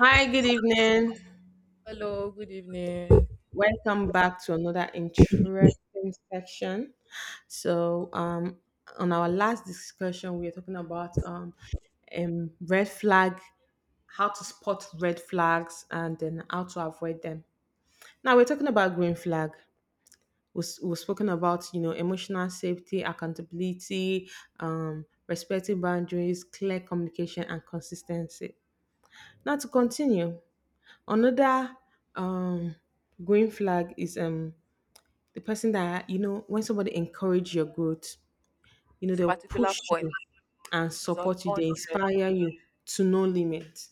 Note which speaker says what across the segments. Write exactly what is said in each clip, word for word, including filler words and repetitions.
Speaker 1: Hi, good evening.
Speaker 2: Hello, good evening.
Speaker 1: Welcome back to another interesting section. So, um, on our last discussion, we were talking about um, um, red flag, how to spot red flags, and then how to avoid them. Now we're talking about green flag. We've, we've spoken about you know emotional safety, accountability, um, respecting boundaries, clear communication, and consistency. Now to continue. Another um, green flag is um, the person that, you know, when somebody encourage your growth, you know,
Speaker 2: This
Speaker 1: they'll push you
Speaker 2: point
Speaker 1: and
Speaker 2: is on
Speaker 1: support you. They
Speaker 2: one hundred,
Speaker 1: inspire you to no limit.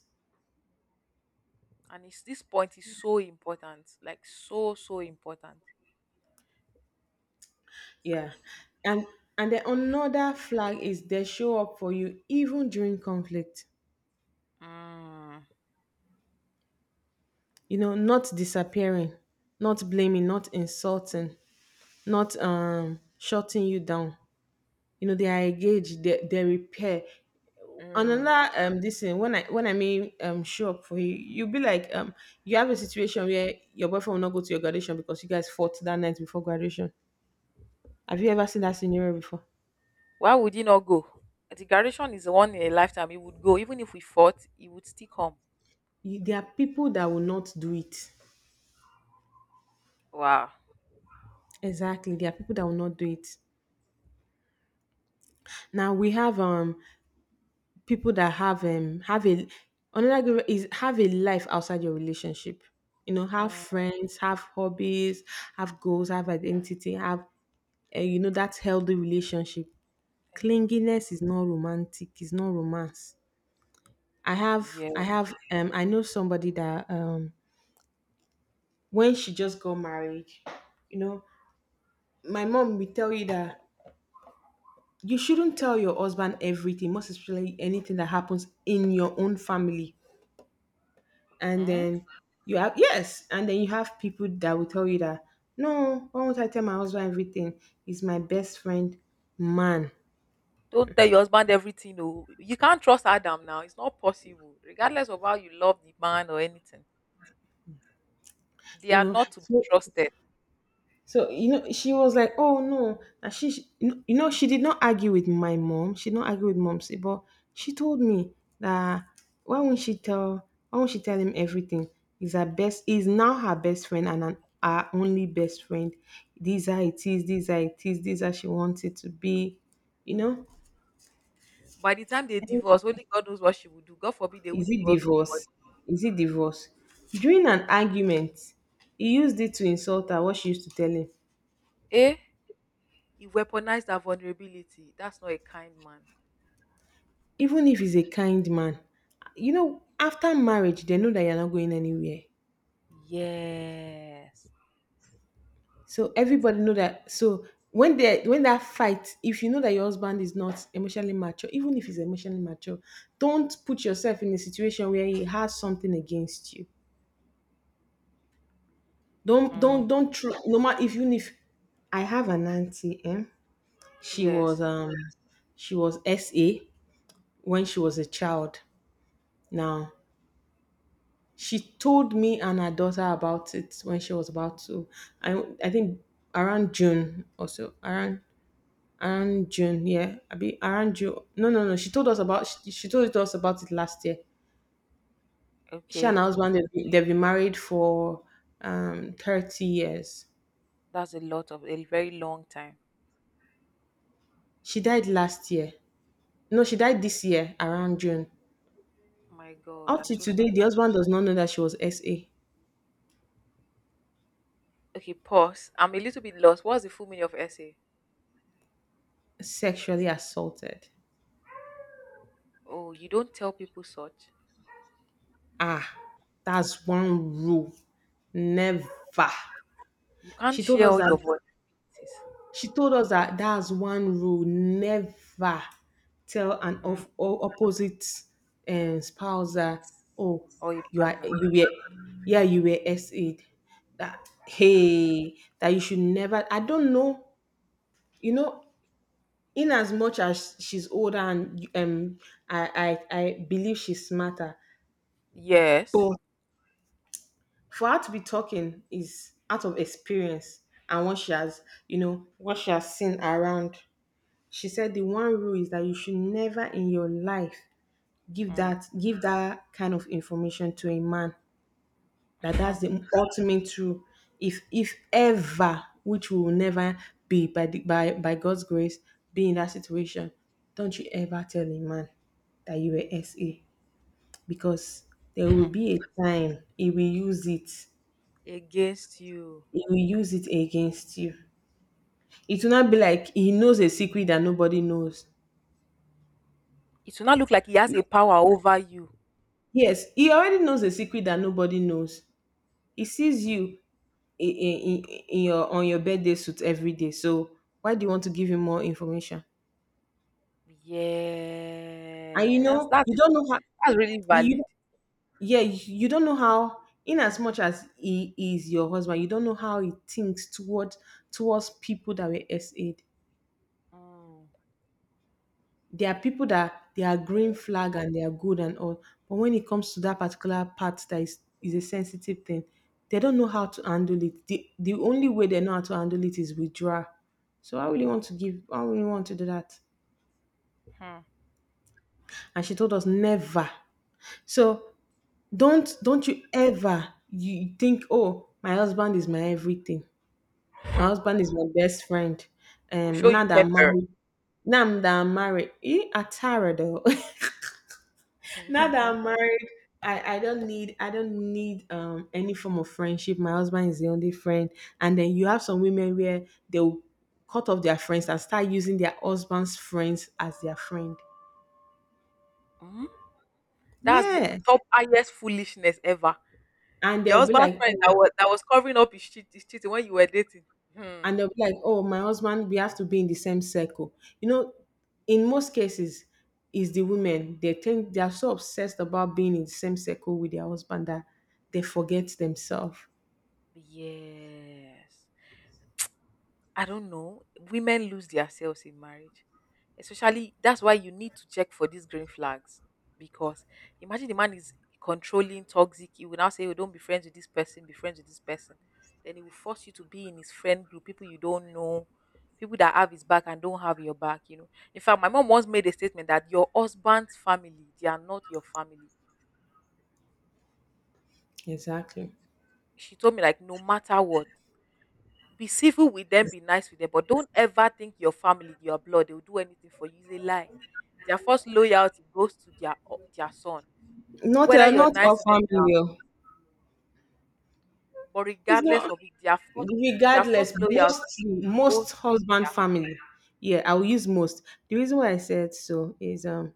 Speaker 2: and it's, this point is so important. Like that.
Speaker 1: Yeah. And and then another flag is they show up for you even during conflict.
Speaker 2: Mm,
Speaker 1: You know, not disappearing, not blaming, not insulting, not um shutting you down. You know, they are engaged, they, they repair.
Speaker 2: mm.
Speaker 1: Another um this thing, when i when i mean um show up for you, you be like, um you have a situation where your boyfriend will not go to your graduation because you guys fought that night before graduation. Have you ever seen that scenario before?
Speaker 2: Why would he not go? The graduation is the one in a lifetime. He would go. Even if we fought, he would still come.
Speaker 1: You, there are people that will not do it.
Speaker 2: Wow.
Speaker 1: Exactly, there are people that will not do it. Now we have um people that have um have a, another gr- is have a life outside your relationship. You know, have
Speaker 2: Mm,
Speaker 1: friends, have hobbies, have goals, have identity, have uh, you know, that healthy relationship.
Speaker 2: thank God.
Speaker 1: Clinginess is not romantic. It's not romance. I have, I
Speaker 2: Yeah.
Speaker 1: have, um, I know somebody that, um, when she just got married, you know, my mom will tell you that you shouldn't tell your husband everything, most especially anything that happens in your own family. And
Speaker 2: Mm?
Speaker 1: then you have, yes, and then you have people that will tell you that, no, why won't I tell my husband everything? He's my best friend, man.
Speaker 2: Don't tell your husband everything. No. You can't trust Adam now. It's not possible. Regardless of how you love the man or anything, they
Speaker 1: You
Speaker 2: are
Speaker 1: know,
Speaker 2: not to be
Speaker 1: so,
Speaker 2: trusted
Speaker 1: so you know, she was like, "Oh no!" And she, she- you know, she did not argue with my mom. She did not argue with mom, say, but she told me that, why won't she tell? Why won't she tell him everything? He's her best. He's now her best friend and an, our only best friend. These are it is. These are it is. These are she wants it to be. You know,
Speaker 2: now. By the time they divorce, only God knows what she will do. God forbid they
Speaker 1: is
Speaker 2: won't
Speaker 1: it
Speaker 2: divorce. But,
Speaker 1: divorce? Is it divorce? During an argument, he used it to insult her. What she used to tell him.
Speaker 2: eh? He weaponized her vulnerability. That's not a kind man.
Speaker 1: Even if he's a kind man, you know, after marriage they know that you're not going anywhere,
Speaker 2: Yes.
Speaker 1: so everybody know that. So when they when that fight, if you know that your husband is not emotionally mature, even if he's emotionally mature, don't put yourself in a situation where he has something against you. don't
Speaker 2: Mm,
Speaker 1: don't don't tr- no matter if you if I have an auntie, eh? She was
Speaker 2: yes,
Speaker 1: um she was sa, when she was a child. Now, she told me and her daughter about it when she was about to. I I think around June or so. Around, around June, yeah. I be around June. No, no, no. She told us about she, she told us about it last year. She and
Speaker 2: okay.
Speaker 1: her husband, they've been, they've been married for um thirty years.
Speaker 2: That's a lot, of a very long time.
Speaker 1: She died last year. No, she died this year around June.
Speaker 2: My God,
Speaker 1: Up
Speaker 2: I'm
Speaker 1: to
Speaker 2: so
Speaker 1: today,
Speaker 2: sorry.
Speaker 1: the husband does not know that she was S A,
Speaker 2: Okay, pause. I'm a little bit lost. What's the full meaning of essay?
Speaker 1: sexually assaulted.
Speaker 2: Oh, you don't tell people such.
Speaker 1: Ah, that's one rule. Never.
Speaker 2: You
Speaker 1: She
Speaker 2: can't
Speaker 1: told
Speaker 2: share
Speaker 1: us
Speaker 2: all
Speaker 1: that,
Speaker 2: your vulnerabilities.
Speaker 1: she told us that that's one rule: never tell an
Speaker 2: Mm,
Speaker 1: off, o- opposite um, spouse that, oh,
Speaker 2: or your
Speaker 1: you are,
Speaker 2: partner.
Speaker 1: you were, yeah, you were s A. That, hey, that you should never. I don't know, you know, in as much as she's older, and um I I, I believe she's smarter,
Speaker 2: Yes.
Speaker 1: but for her to be talking is out of experience, and what she has, you know, what she has seen around. She said the one rule is that you should never in your life give
Speaker 2: Mm.
Speaker 1: that give that kind of information to a man. That, that's the ultimate rule. If if ever, which we will never be, by the, by by God's grace, be in that situation, don't you ever tell a man that you were S A, because there will be a time he will use it.
Speaker 2: Against you.
Speaker 1: He will use it against you. It will not be like he knows a secret that nobody knows.
Speaker 2: It will not look like he has a power over you.
Speaker 1: Yes, he already knows a secret that nobody knows. He sees you in, in, in your, on your birthday suit every day. So why do you want to give him more information? And you
Speaker 2: Yeah. That's
Speaker 1: know,
Speaker 2: That's
Speaker 1: you
Speaker 2: that's
Speaker 1: don't know how
Speaker 2: that's really
Speaker 1: you you-
Speaker 2: valid.
Speaker 1: yeah, you don't know how, in as much as he is your husband, you don't know how he thinks toward, towards people that were SA'd. There are people that they are green flag and they are good and all, but when it comes to that particular part that is, is a sensitive thing, they don't know how to handle it. The, the only way they know how to handle it is withdraw. So i really want to give I really want to do that.
Speaker 2: Mm.
Speaker 1: And she told us never. So don't don't you ever, you think, oh, my husband is my everything, my
Speaker 2: Hmm.
Speaker 1: husband is my best friend,
Speaker 2: We'll
Speaker 1: um
Speaker 2: show
Speaker 1: now
Speaker 2: you
Speaker 1: that I'm
Speaker 2: pepper.
Speaker 1: married, now that I'm married, eh, atara though Now that I'm married, I, I don't need I don't need um any form of friendship. My husband is the only friend. And then you have some women where they'll cut off their friends and start using their husband's friends as their friend.
Speaker 2: Mm. That's the
Speaker 1: Yes.
Speaker 2: top highest foolishness ever.
Speaker 1: And
Speaker 2: Your
Speaker 1: they'll be
Speaker 2: husband's
Speaker 1: like,
Speaker 2: friend that
Speaker 1: oh,
Speaker 2: was that was covering up his cheat his cheating when you were dating. Hmm.
Speaker 1: and they'll be like, oh, my husband, we have to be in the same circle. You know, in most cases, is the women, they think they are so obsessed about being in the same circle with their husband that they forget themselves.
Speaker 2: Yes. I don't know. Women lose themselves in marriage. Especially that's why you need to check for these green flags. Because imagine the man is controlling, toxic, he will now say, "Oh, don't be friends with this person, be friends with this person." Then he will force you to be in his friend group, people you don't know, people that have his back and don't have your back, you know. In fact, my mom once made a statement that your husband's family, they are not your family.
Speaker 1: Exactly.
Speaker 2: She told me like no matter what. Be civil with them, be nice with them, but don't ever think your family, your blood, they'll do anything for you. It's a lie. Their first loyalty goes to their their son.
Speaker 1: Not
Speaker 2: Whether
Speaker 1: uh,
Speaker 2: you're
Speaker 1: not
Speaker 2: nice
Speaker 1: all
Speaker 2: to them,
Speaker 1: family. Oh.
Speaker 2: but
Speaker 1: It's
Speaker 2: regardless
Speaker 1: not
Speaker 2: of it, their first their
Speaker 1: regardless.
Speaker 2: first loyalty
Speaker 1: Most
Speaker 2: goes
Speaker 1: most
Speaker 2: to
Speaker 1: husband
Speaker 2: their.
Speaker 1: family. Yeah, I will use most. The reason why I said so is um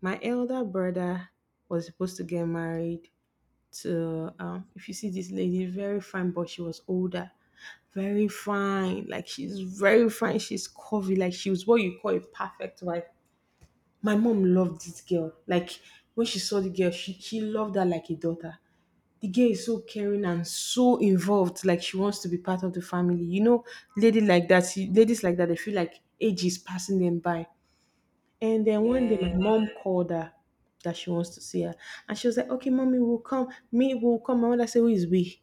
Speaker 1: my elder brother was supposed to get married to um if you see this lady, very fine, but she was older. Very fine. Like she's very fine. She's curvy. Like she was what you call a perfect wife. My mom loved this girl. Like when she saw the girl, she, she loved her like a daughter. The girl is so caring and so involved, like she wants to be part of the family. You know, lady like that, she, ladies like that, they feel like age is passing them by. And then one day my
Speaker 2: Yeah.
Speaker 1: mom called her, that she wants to see her. And she was like, okay mommy, we will come me will come. My mother said, who is we?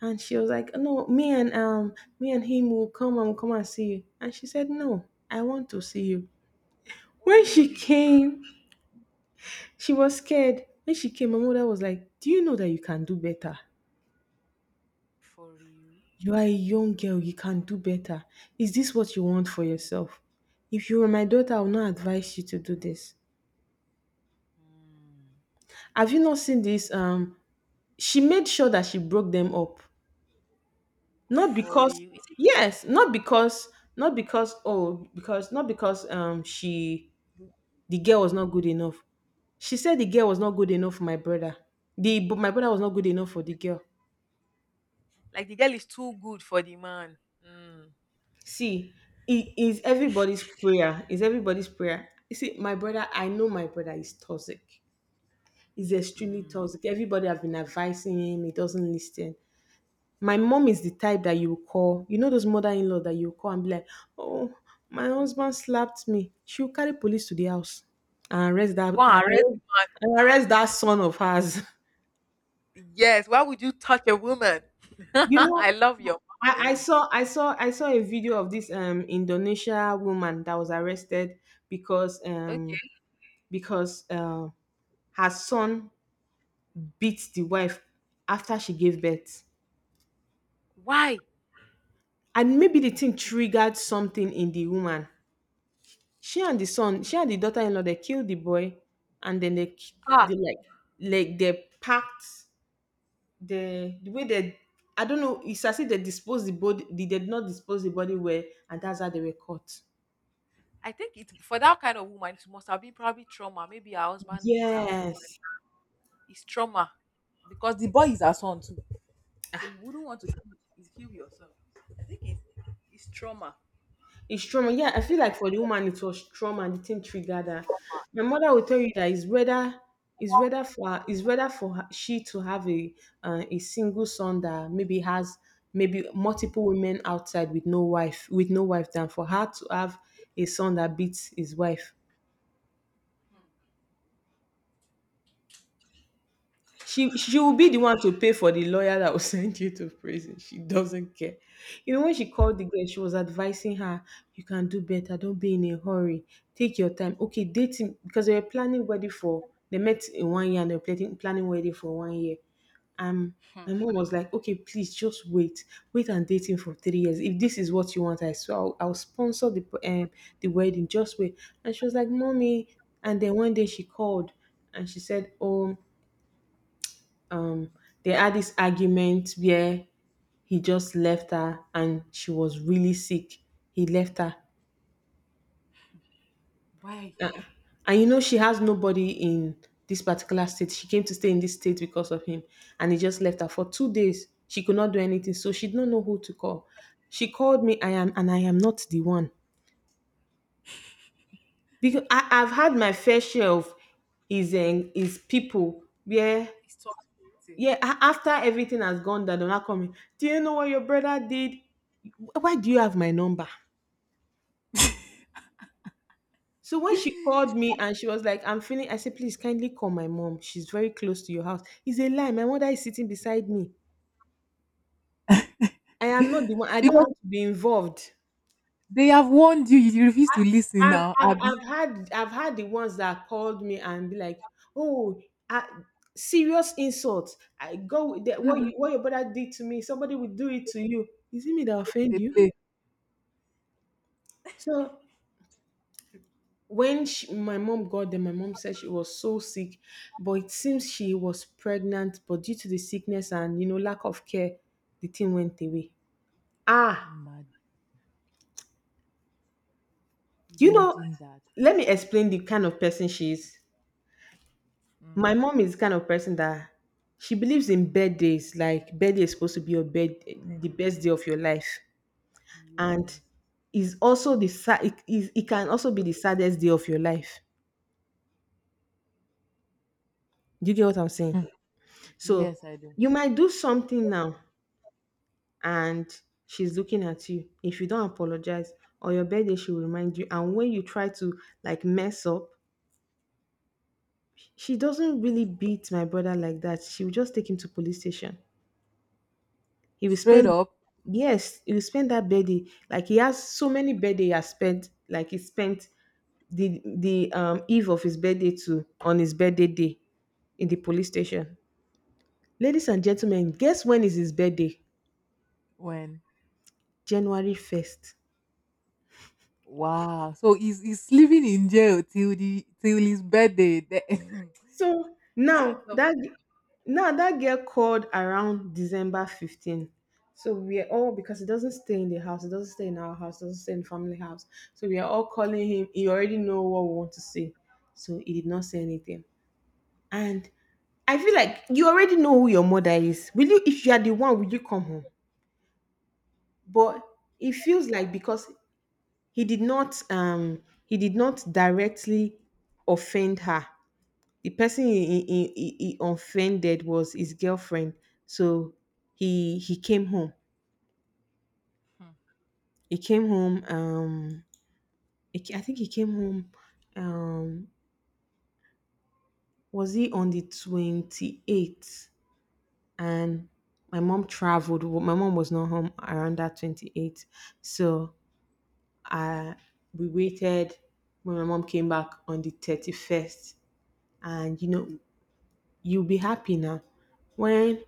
Speaker 1: And she was like, no, me and um me and him will come, and we'll come and see you. And she said, no, I want to see you. When
Speaker 2: Only
Speaker 1: she
Speaker 2: you.
Speaker 1: came, she was scared. When she came, my mother was like, do you know that you can do better?
Speaker 2: For real.
Speaker 1: You are a young girl, you can do better. Is this what you want for yourself? If you were my daughter, I would not advise you to do this.
Speaker 2: Mm.
Speaker 1: Have you not seen this? Um, she made sure that she broke them up. Not
Speaker 2: For
Speaker 1: because,
Speaker 2: real. Is it
Speaker 1: yes, not because, not because, oh, because, not because um she, the girl was not good enough. She said the girl was not good enough for my brother. The, but my brother was not good enough for the girl.
Speaker 2: like the girl is too good for the man? Mm.
Speaker 1: See, it is everybody's prayer. Is everybody's prayer. You see, my brother, I know my brother is toxic. Is extremely
Speaker 2: Mm.
Speaker 1: toxic. Everybody have been advising him, he doesn't listen. My mom is the type that you call, you know, those mother in law that you call and be like, oh, my husband slapped me. She'll carry police to the house and arrest that
Speaker 2: Go
Speaker 1: and
Speaker 2: and arrest
Speaker 1: arrest, and arrest that son of hers.
Speaker 2: the man. Yes. Why would you touch a woman?
Speaker 1: You know,
Speaker 2: I love your
Speaker 1: I, I
Speaker 2: mom
Speaker 1: saw I saw I saw a video of this um Indonesia woman that was arrested because um
Speaker 2: already.
Speaker 1: because uh, her son beat the wife after she gave birth,
Speaker 2: Why?
Speaker 1: and maybe the thing triggered something in the woman. She and the son, she and the daughter-in-law, they killed the boy, and then they, k-
Speaker 2: Ah,
Speaker 1: they like, like they packed the the way they. I don't know. It's as if they disposed the body. They did not dispose the body well, and that's how they were caught.
Speaker 2: I think it, for that kind of woman, it must have been probably trauma. Maybe her husband beat her when she was
Speaker 1: Yes,
Speaker 2: pregnant. It's trauma because the boy is her son too. So you wouldn't want to kill, is kill your son. I think it's it's trauma.
Speaker 1: it's trauma. Yeah, I feel like for the woman it was trauma and the thing triggered her. My mother will tell you that it's whether it's whether for it's whether for her, she to have a uh, a single son that maybe has maybe multiple women outside with no wife with no wife, than for her to have a son that beats his wife. She she will be the one to pay for the lawyer that will send you to prison. She doesn't care. You know, when she called the girl, she was advising her, you can do better, don't be in a hurry. Take your time. Okay, dating because they were planning wedding for they met in one year and they were planning planning wedding for one year. Um
Speaker 2: Hmm.
Speaker 1: my mom was like, okay, please just wait. Wait and date him for three years. If this is what you want, I swear I'll, I'll sponsor the um, the wedding. Just wait. And she was like, mommy. And then one day she called and she said, "Oh." um they had this argument where he just left her and she was really sick. He left her.
Speaker 2: Why?
Speaker 1: Uh, And you know, she has nobody in this particular state. She came to stay in this state because of him. And he just left her for two days. She could not do anything. So she did not know who to call. She called me, I am, and I am not the one. Because I, I've had my fair share of his, um, his people where.
Speaker 2: It's toxic.
Speaker 1: Yeah, a- after everything has gone down, they'll not come in. Do you know what your brother did? Why do you have my number? So when she called me and she was like, I'm feeling, I said, please kindly call my mom. She's very close to your house. It's a lie. My mother is sitting beside me. I am not the one. I don't
Speaker 2: Because
Speaker 1: want to be involved.
Speaker 2: they have warned you, you refuse to listen
Speaker 1: I've,
Speaker 2: now,
Speaker 1: I've,
Speaker 2: Abby.
Speaker 1: I've had I've had the ones that called me and be like, oh, I, serious insult. I go with that what you
Speaker 2: Mm.
Speaker 1: what your brother did to me. Somebody will do it to you. Is it me that offend
Speaker 2: They
Speaker 1: you?
Speaker 2: play.
Speaker 1: So when she, my mom got there, my mom said she was so sick, but it seems she was pregnant. But due to the sickness and you know lack of care, the thing went away. Ah,
Speaker 2: Imagine,
Speaker 1: you know,
Speaker 2: imagine that.
Speaker 1: let me explain the kind of person she is. My
Speaker 2: Mm.
Speaker 1: mom is the kind of person that she believes in birthdays. Like birthday is supposed to be your bed, the best day of your life, and
Speaker 2: Yes.
Speaker 1: is also the sa- it, is, it can also be the saddest day of your life. Do you get what I'm saying? So
Speaker 2: Yes, I do.
Speaker 1: you might do something now and she's looking at you. If you don't apologize on your birthday, she will remind you. And when you try to like mess up, she doesn't really beat my brother like that. She will just take him to police station. He will
Speaker 2: Straight
Speaker 1: spend,
Speaker 2: up
Speaker 1: yes, he will spend that birthday. Like he has so many birthday he has spent, like he spent the the um eve of his birthday to on his birthday day in the police station. Ladies and gentlemen, guess when is his birthday?
Speaker 2: when.
Speaker 1: January first.
Speaker 2: Wow. So he's he's living in jail till the till his birthday. The-
Speaker 1: So
Speaker 2: that's
Speaker 1: now
Speaker 2: the.
Speaker 1: that now that girl called around December fifteenth. So we are all because it doesn't stay in the house, it doesn't stay in our house, it doesn't stay in family house. So we are all calling him. He already know what we want to say. So he did not say anything. And I feel like you already know who your mother is. Will you if you are the one, will you come home? But it feels like because he did not um he did not directly offend her. The person he, he, he, he offended was his girlfriend, so he he came home,
Speaker 2: Hmm.
Speaker 1: he came home, um he ca- I think he came home, um was he on the twenty-eighth, and my mom traveled Wa- my mom was not home around that twenty-eighth. So I, we waited. When my mom came back on the thirty-first, and you know you'll be happy now, when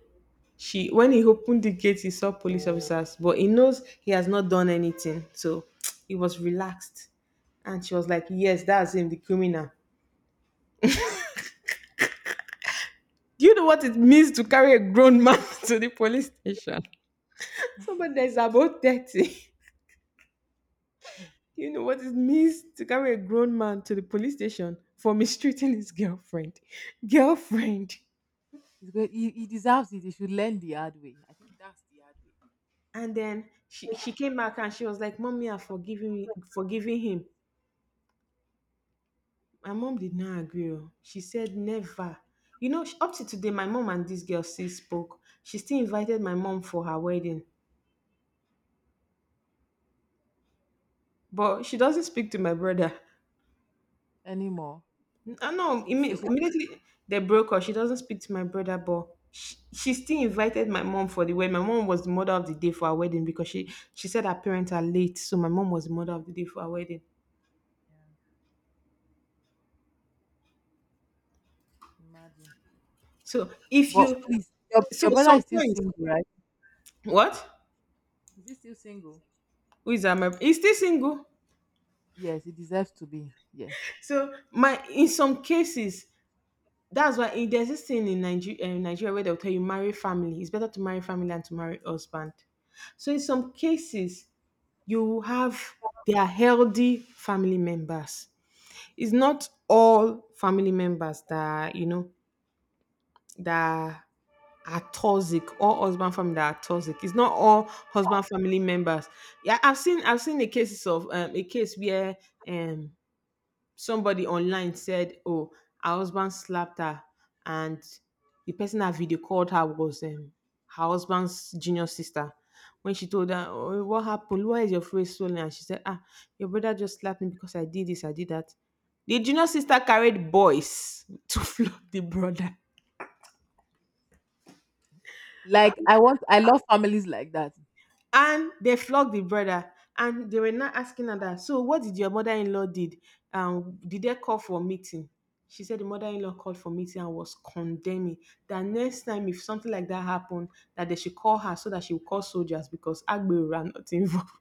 Speaker 1: she when he opened the gate he saw police officers, but he knows he has not done anything, so he was relaxed. And she was like, yes, that's him, the criminal. Do you know what it means to carry a grown man to the police station? Somebody that is about thirty. You know what it means to carry a grown man to the police station for mistreating his girlfriend, girlfriend.
Speaker 2: He's good. He, he deserves it. He should learn the hard way. I think that's the hard way.
Speaker 1: And then she, she came back and she was like, mommy, I've forgiven forgiving him. My mom did not agree. Oh. She said never. You know, sh- up to today, my mom and this girl still spoke. She still invited my mom for her wedding, but she doesn't speak to my brother.
Speaker 2: Anymore.
Speaker 1: I know
Speaker 2: So
Speaker 1: imme-
Speaker 2: she
Speaker 1: immediately they broke up. She doesn't speak to my brother, but she, she still invited my mom for the wedding. My mom was the mother of the day for her wedding because she she said her parents are late, so my mom was the mother of the day for her wedding.
Speaker 2: imagine.
Speaker 1: So if
Speaker 2: But
Speaker 1: you,
Speaker 2: please, your,
Speaker 1: so
Speaker 2: your brother is still
Speaker 1: sometimes,
Speaker 2: single, right?
Speaker 1: what,
Speaker 2: Is he still single?
Speaker 1: who is that? My, he's still single.
Speaker 2: Yes, he deserves to be. Yes.
Speaker 1: So my, in some cases, that's why eh, there's this thing in Nigeria, in Nigeria where they'll tell you marry family. It's better to marry family than to marry husband. So in some cases, you have they are healthy family members. It's not all family members that you know that are toxic or husband family that are toxic. It's not all husband family members. Yeah, I've seen I've seen the cases of um, a case where um somebody online said, "Oh, her husband slapped her," and the person that video called her was um, her husband's junior sister. When she told her, "Oh, what happened? Why is your face swollen?" and she said, "Ah, your brother just slapped me because I did this, I did that." The junior sister carried boys to flog the brother.
Speaker 2: Like I want, I love families like that.
Speaker 1: And they flogged the brother. And they were now asking her that, so what did your mother-in-law did? Um, did they call for meeting? She said the mother-in-law called for meeting and was condemning that next time if something like that happened, that they should call her so that she will call soldiers because Agbero are not involved.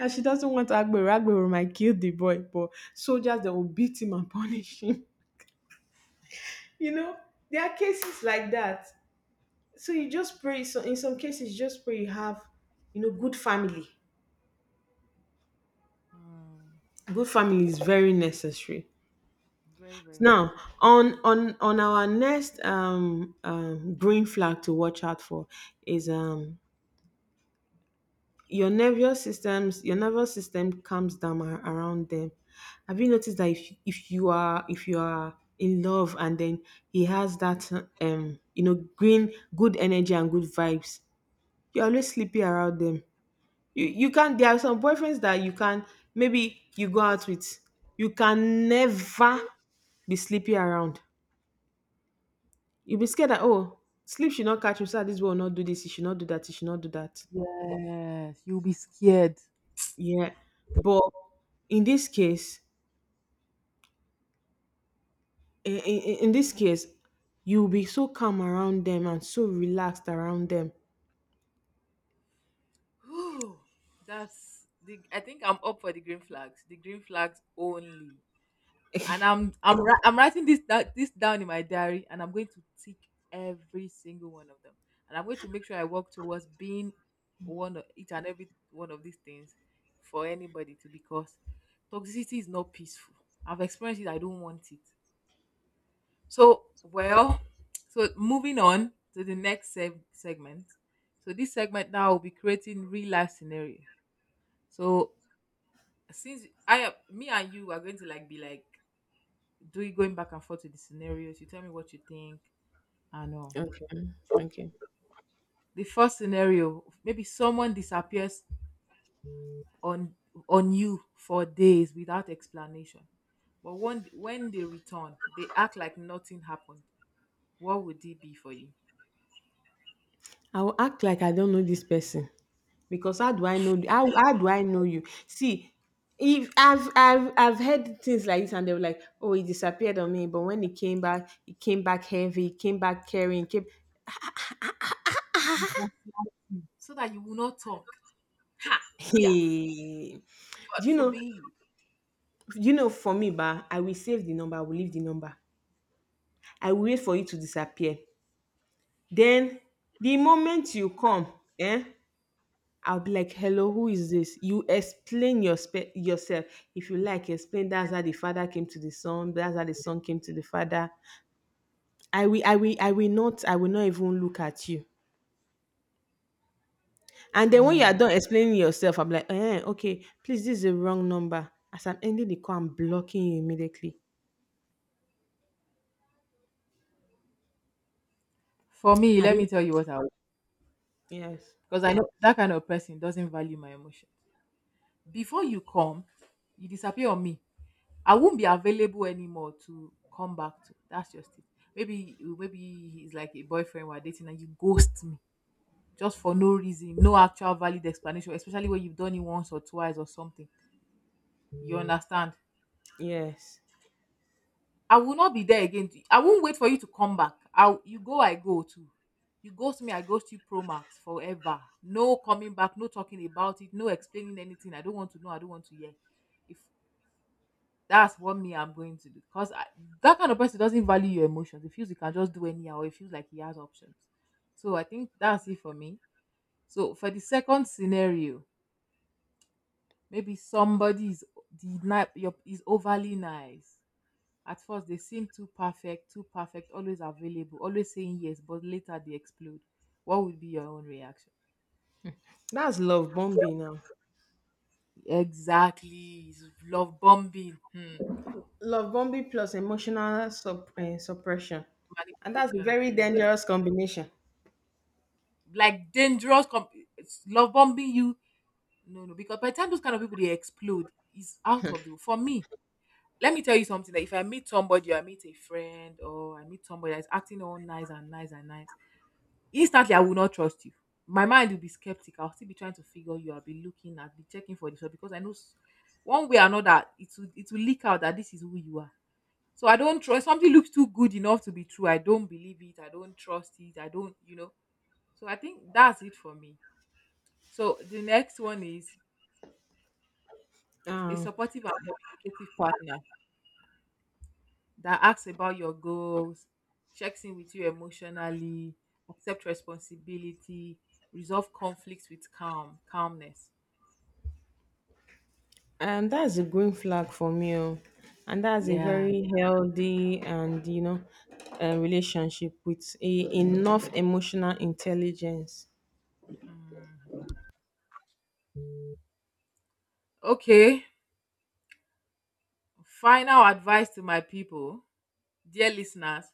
Speaker 1: And she doesn't want Agbero. Agbero might kill the boy, but soldiers they will beat him and punish him. You know, there are cases like that. So you just pray. So in some cases, you just pray you have, you know, good family.
Speaker 2: Mm,
Speaker 1: Good family is very necessary.
Speaker 2: very, very
Speaker 1: Now
Speaker 2: necessary.
Speaker 1: on on on our next um, um green flag to watch out for is um your nervous systems your nervous system calms down ar- around them. Have you noticed that if if you are, if you are in love, and then he has that um you know green good energy and good vibes, you're always sleepy around them. you you can There are some boyfriends that you can maybe you go out with, you can never be sleepy around. You'll be scared that oh, sleep should not catch you, so this boy will not do this, he should not do that, he should not do that.
Speaker 2: Yes. You'll be scared.
Speaker 1: Yeah, but in this case, in, in, in this case you'll be so calm around them and so relaxed around them.
Speaker 2: Whew, that's the. I think I'm up for the green flags. The green flags only. And I'm I'm wri- I'm writing this da- this down in my diary, and I'm going to tick every single one of them. And I'm going to make sure I work towards being one of each and every one of these things for anybody to, because toxicity is not peaceful. I've experienced it. I don't want it. So well, so moving on to the next seg- segment. So this segment now will be creating real life scenario. So since I uh, me and you are going to like be like doing going back and forth with the scenarios, you tell me what you think and all.
Speaker 1: Okay, okay,
Speaker 2: The first scenario, maybe someone disappears on on you for days without explanation. But when when they return, they act like nothing happened. What would it be for you?
Speaker 1: I will act like I don't know this person, because how do I know, how how do I know you? See, if I've I've I've heard things like this and they were like, oh, it disappeared on me, but when it came back, it came back heavy, it came back carrying, it came.
Speaker 2: So that you will not talk. Yeah,
Speaker 1: Hey,
Speaker 2: God
Speaker 1: do you know?
Speaker 2: forbid.
Speaker 1: Do you know? For me, ba, I will save the number. I will leave the number. I will wait for you to disappear. Then the moment you come, eh, I'll be like, hello, who is this? You explain your spe- yourself. If you like, explain, that's how the father came to the son, that's how the son came to the father. I will, I will, I will not, I will not even look at you. And then when you are
Speaker 2: Mm.
Speaker 1: done explaining yourself, I'm like, eh, okay, please, this is the wrong number. As I'm ending the call, I'm blocking you immediately.
Speaker 2: For me,
Speaker 1: I
Speaker 2: let me
Speaker 1: didn't.
Speaker 2: tell you what I would,
Speaker 1: Yes,
Speaker 2: because I know that kind of person doesn't value my emotion. Before you come, you disappear on me. I won't be available anymore to come back to. That's just it. Maybe maybe he's like a boyfriend we're dating and you ghost me just for no reason, no actual valid explanation, especially when you've done it once or twice or something. You understand?
Speaker 1: yes.
Speaker 2: I will not be there again. to- I won't wait for you to come back. I you go, I go too. You ghost me, I ghost you pro max forever. No coming back, no talking about it, no explaining anything. I don't want to know, I don't want to hear. If that's what me I'm going to do, because I, that kind of person doesn't value your emotions. He feels he can just do anyhow. He feels like he has options. So I think that's it for me. So for the second scenario, maybe somebody is the ni- your is overly nice. At first they seem too perfect, too perfect, always available, always saying yes, but later they explode. What would be your own reaction?
Speaker 1: That's love bombing now.
Speaker 2: Exactly, it's love bombing, hmm.
Speaker 1: Love bombing plus emotional sup- eh, suppression, and that's a
Speaker 2: Manipulation,
Speaker 1: very
Speaker 2: yeah,
Speaker 1: dangerous combination.
Speaker 2: like dangerous. Com- it's love bombing you. No, no, because by the time those kind of people they explode, it's out of the for me. Let me tell you something that if I meet somebody, or I meet a friend, or I meet somebody that's acting all nice and nice and nice, instantly I will not trust you. My mind will be skeptical. I'll still be trying to figure you. I'll be looking, I'll be checking for this one because I know s- one way or another it will it will leak out that this is who you are. So I don't trust something looks too good enough to be true. I don't believe it. I don't trust it. I don't, you know. So I think that's it for me. So the next one is a
Speaker 1: Um,
Speaker 2: supportive and communicative partner that asks about your goals, checks in with you emotionally, accepts responsibility, resolve conflicts with calm, calmness.
Speaker 1: And that's a green flag for me. Oh. And that's a
Speaker 2: Yeah.
Speaker 1: very healthy and, you know, uh, relationship with a, enough emotional intelligence.
Speaker 2: Mm. Okay. Final advice to my people, dear listeners: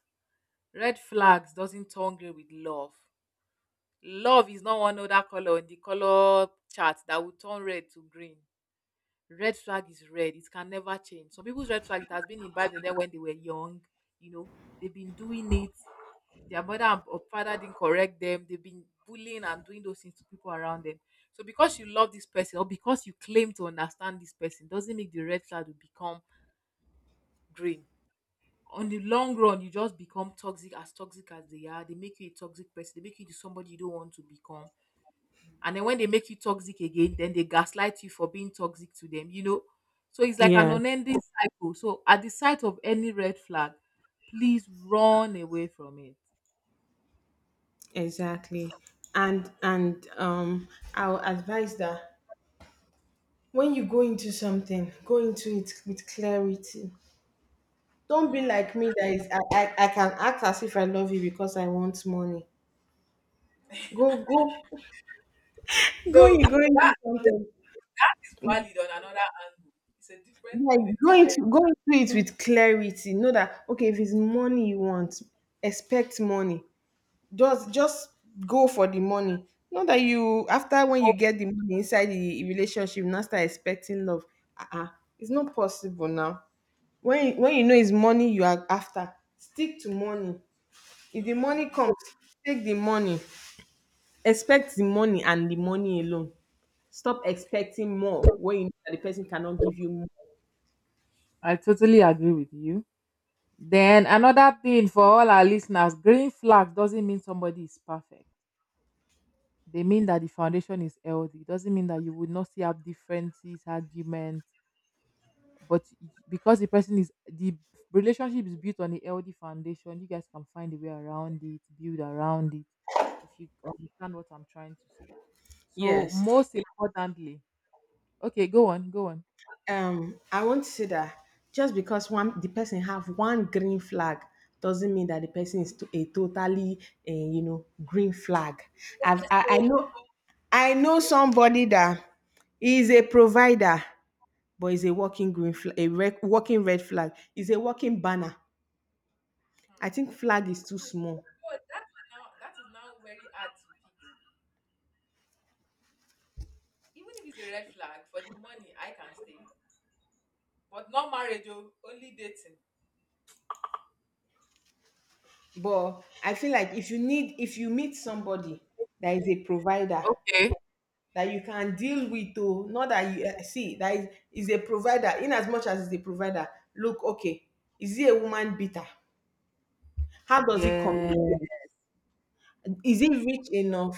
Speaker 2: red flags doesn't turn grey with love. Love is not one other color in the color chart that will turn red to green. Red flag is red. It can never change. Some people's red flag it has been imbibed in them when they were young. You know, they've been doing it. Their mother and- or father didn't correct them. They've been bullying and doing those things to people around them. So because you love this person or because you claim to understand this person doesn't make the red flag to become green. On the long run, you just become toxic as toxic as they are. They make you a toxic person. They make you into somebody you don't want to become, and then when they make you toxic again, then they gaslight you for being toxic to them, you know, so it's like an
Speaker 1: Yeah,
Speaker 2: unending cycle. So at the sight of any red flag, please run away from it.
Speaker 1: exactly. And, and um, I'll advise that when you go into something, go into it with clarity. Don't be
Speaker 2: Mm.
Speaker 1: like me that is, I, I, I can act as if I love you because I want money. Go, go, go,
Speaker 2: No,
Speaker 1: you go into something.
Speaker 2: it's valid on another angle. It's a different
Speaker 1: Like
Speaker 2: thing
Speaker 1: go
Speaker 2: entirely.
Speaker 1: into go into it with clarity. Know that okay, if it's money you want, expect money. Just just go for the money. Know that you after when you get the money inside the relationship, now start expecting love. Uh-uh. It's not possible now. When you- when you know it's money you are after, stick to money. If the money comes, take the money. Expect the money and the money alone. Stop expecting more when you know that the person cannot give you more.
Speaker 2: I totally agree with you. Then another thing for all our listeners, green flag doesn't mean somebody is perfect. They mean that the foundation is healthy. It doesn't mean that you would not still have differences, arguments, but y- because the person is the relationship is built on a healthy foundation, you guys can find a way around it, build around it, if you understand what I'm trying to say. So
Speaker 1: Yes.
Speaker 2: most importantly, okay, go on, go on.
Speaker 1: um I want to say that just because one the person have one green flag doesn't mean that the person is to a totally uh, you know green flag. I've I, I
Speaker 2: So
Speaker 1: know. I know somebody that is a provider, but is a working green flag, a red, working red flag, is a working banner. I think flag is too small.
Speaker 2: but that is now that is now very hard to pick up. Even if it's a red flag for the money, I can stay. But not marriage, oh, only dating.
Speaker 1: But I feel like if you need, if you meet somebody that is a provider
Speaker 2: Okay,
Speaker 1: that you can deal with, oh, not that you eh, see that is, is a provider, in as much as is a provider, look, okay, is he a woman beater? How does he
Speaker 2: yeah,
Speaker 1: communicate? Is he rich enough?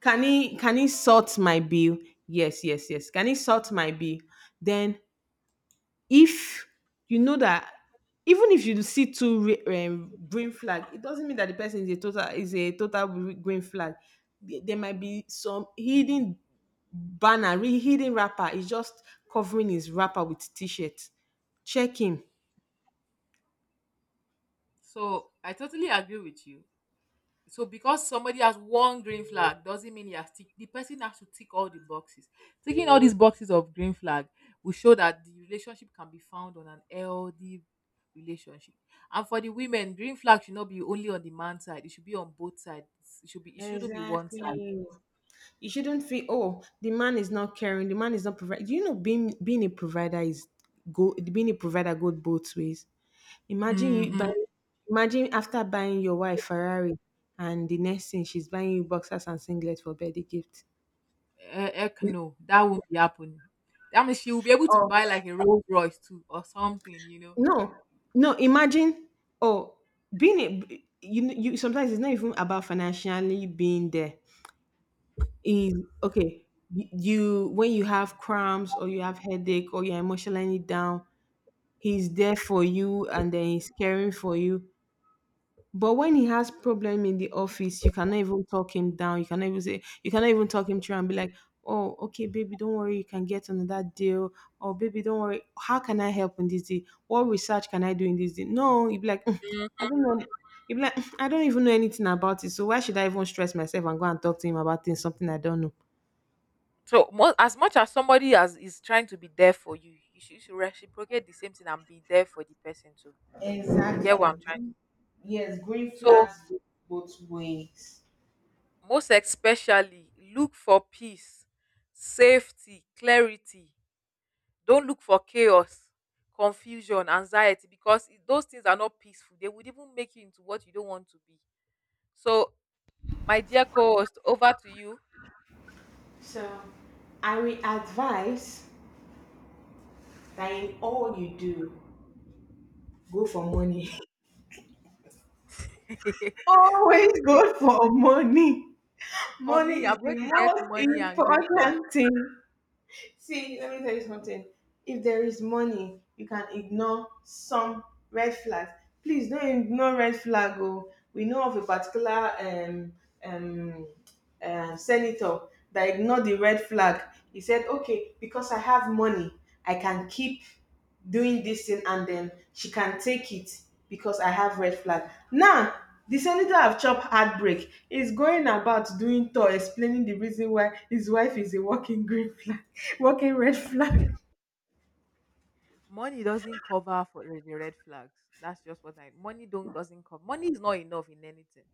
Speaker 1: Can he can he sort my bill? Yes, yes, yes, can he sort my bill? Then, if you know that even if you see two re- um, green flag, it doesn't mean that the person is a total, is a total gre- green flag. There there might be some hidden banner, re- hidden rapper, is just covering his rapper with t-shirt. Check him.
Speaker 2: so I totally agree with you. So because somebody has one green flag doesn't mean he has tick, the person has to tick all the boxes. Ticking all these boxes of green flag will show that the relationship can be found on an healthy relationship. And for the women, green flag should not be only on the man's side, it should be on both sides. It should be, it shouldn't be one side.
Speaker 1: Exactly. You shouldn't feel oh, the man is not caring, the man is not providing. You know, being being a provider is, go being a provider goes both ways. imagine you buy
Speaker 2: Mm-hmm.
Speaker 1: Imagine after buying your wife Ferrari, and the next thing she's buying you boxers and singlets for birthday gift.
Speaker 2: Eh, heck no, that won't be happening. That means she will be able to
Speaker 1: Oh,
Speaker 2: buy like a rolls royce too or something, you know.
Speaker 1: no, no. Imagine, oh, being a, b- you, you sometimes it's not even about financially being there. Is okay. y- You, when you have cramps or you have headache or you're emotionally down, he's there for you and then he's caring for you. But when he has problem in the office, you cannot even talk him down. You cannot even say, you cannot even talk him through and be like, "Oh, okay, baby, don't worry, you can get another deal." Or, "Baby, don't worry, how can I help in this deal? What research can I do in this deal?" No, you'd be like, "Mm, I don't know." You'd be like, "Mm, I don't even know anything about it, so why should I even stress myself and go and talk to him about things something I don't know?"
Speaker 2: So mo- as much as somebody as is trying to be there for you, you should, you should reciprocate the same thing and be there for the person too. You get what
Speaker 1: Exactly.
Speaker 2: I'm trying.
Speaker 1: Yes, green
Speaker 2: So
Speaker 1: flags go both ways.
Speaker 2: most especially look for peace, safety, clarity. Don't look for chaos, confusion, anxiety because i- those things are not peaceful. They would even make you into what you don't want to be. So my dear co-host, over to you.
Speaker 1: So, I will advise that in all you do, go for money. Always
Speaker 2: Be-
Speaker 1: go for money.
Speaker 2: for me,
Speaker 1: Money is
Speaker 2: I'm going
Speaker 1: the
Speaker 2: to get
Speaker 1: most
Speaker 2: money and green flag.
Speaker 1: important thing. See, let me tell you something. If there is money, you can ignore some red flags. Please don't ignore red flag. Oh, we know of a particular um um uh, senator that ignored the red flag. He said, "Okay, because I have money, I can keep doing this thing and then she can take it because I have red flag." Now, the senator of Chop Heartbreak is going about doing tour explaining the reason why his wife is a walking green flag, walking red flag.
Speaker 2: Money doesn't cover for the the red flags. That's just what I money don't doesn't cover. Money is not enough in anything,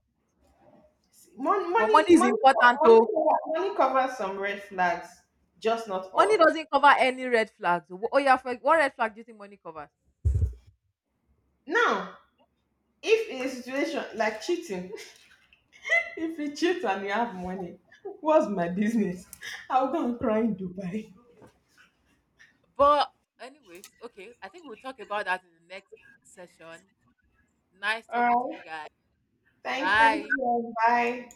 Speaker 1: Money,
Speaker 2: but
Speaker 1: money,
Speaker 2: money is
Speaker 1: money,
Speaker 2: important.
Speaker 1: money,
Speaker 2: Oh,
Speaker 1: money covers some red flags, just not
Speaker 2: money
Speaker 1: all.
Speaker 2: doesn't cover any red flags. Oh yeah, for, what red flag do you think money covers?
Speaker 1: Now, if in a situation like cheating, if you cheat and you have money, what's my business? I'll go and cry in Dubai.
Speaker 2: But anyways, okay, I think we'll talk about that in the next session. Nice talking to
Speaker 1: All right.
Speaker 2: you guys.
Speaker 1: Thank, thank
Speaker 2: Bye.
Speaker 1: you. Bye.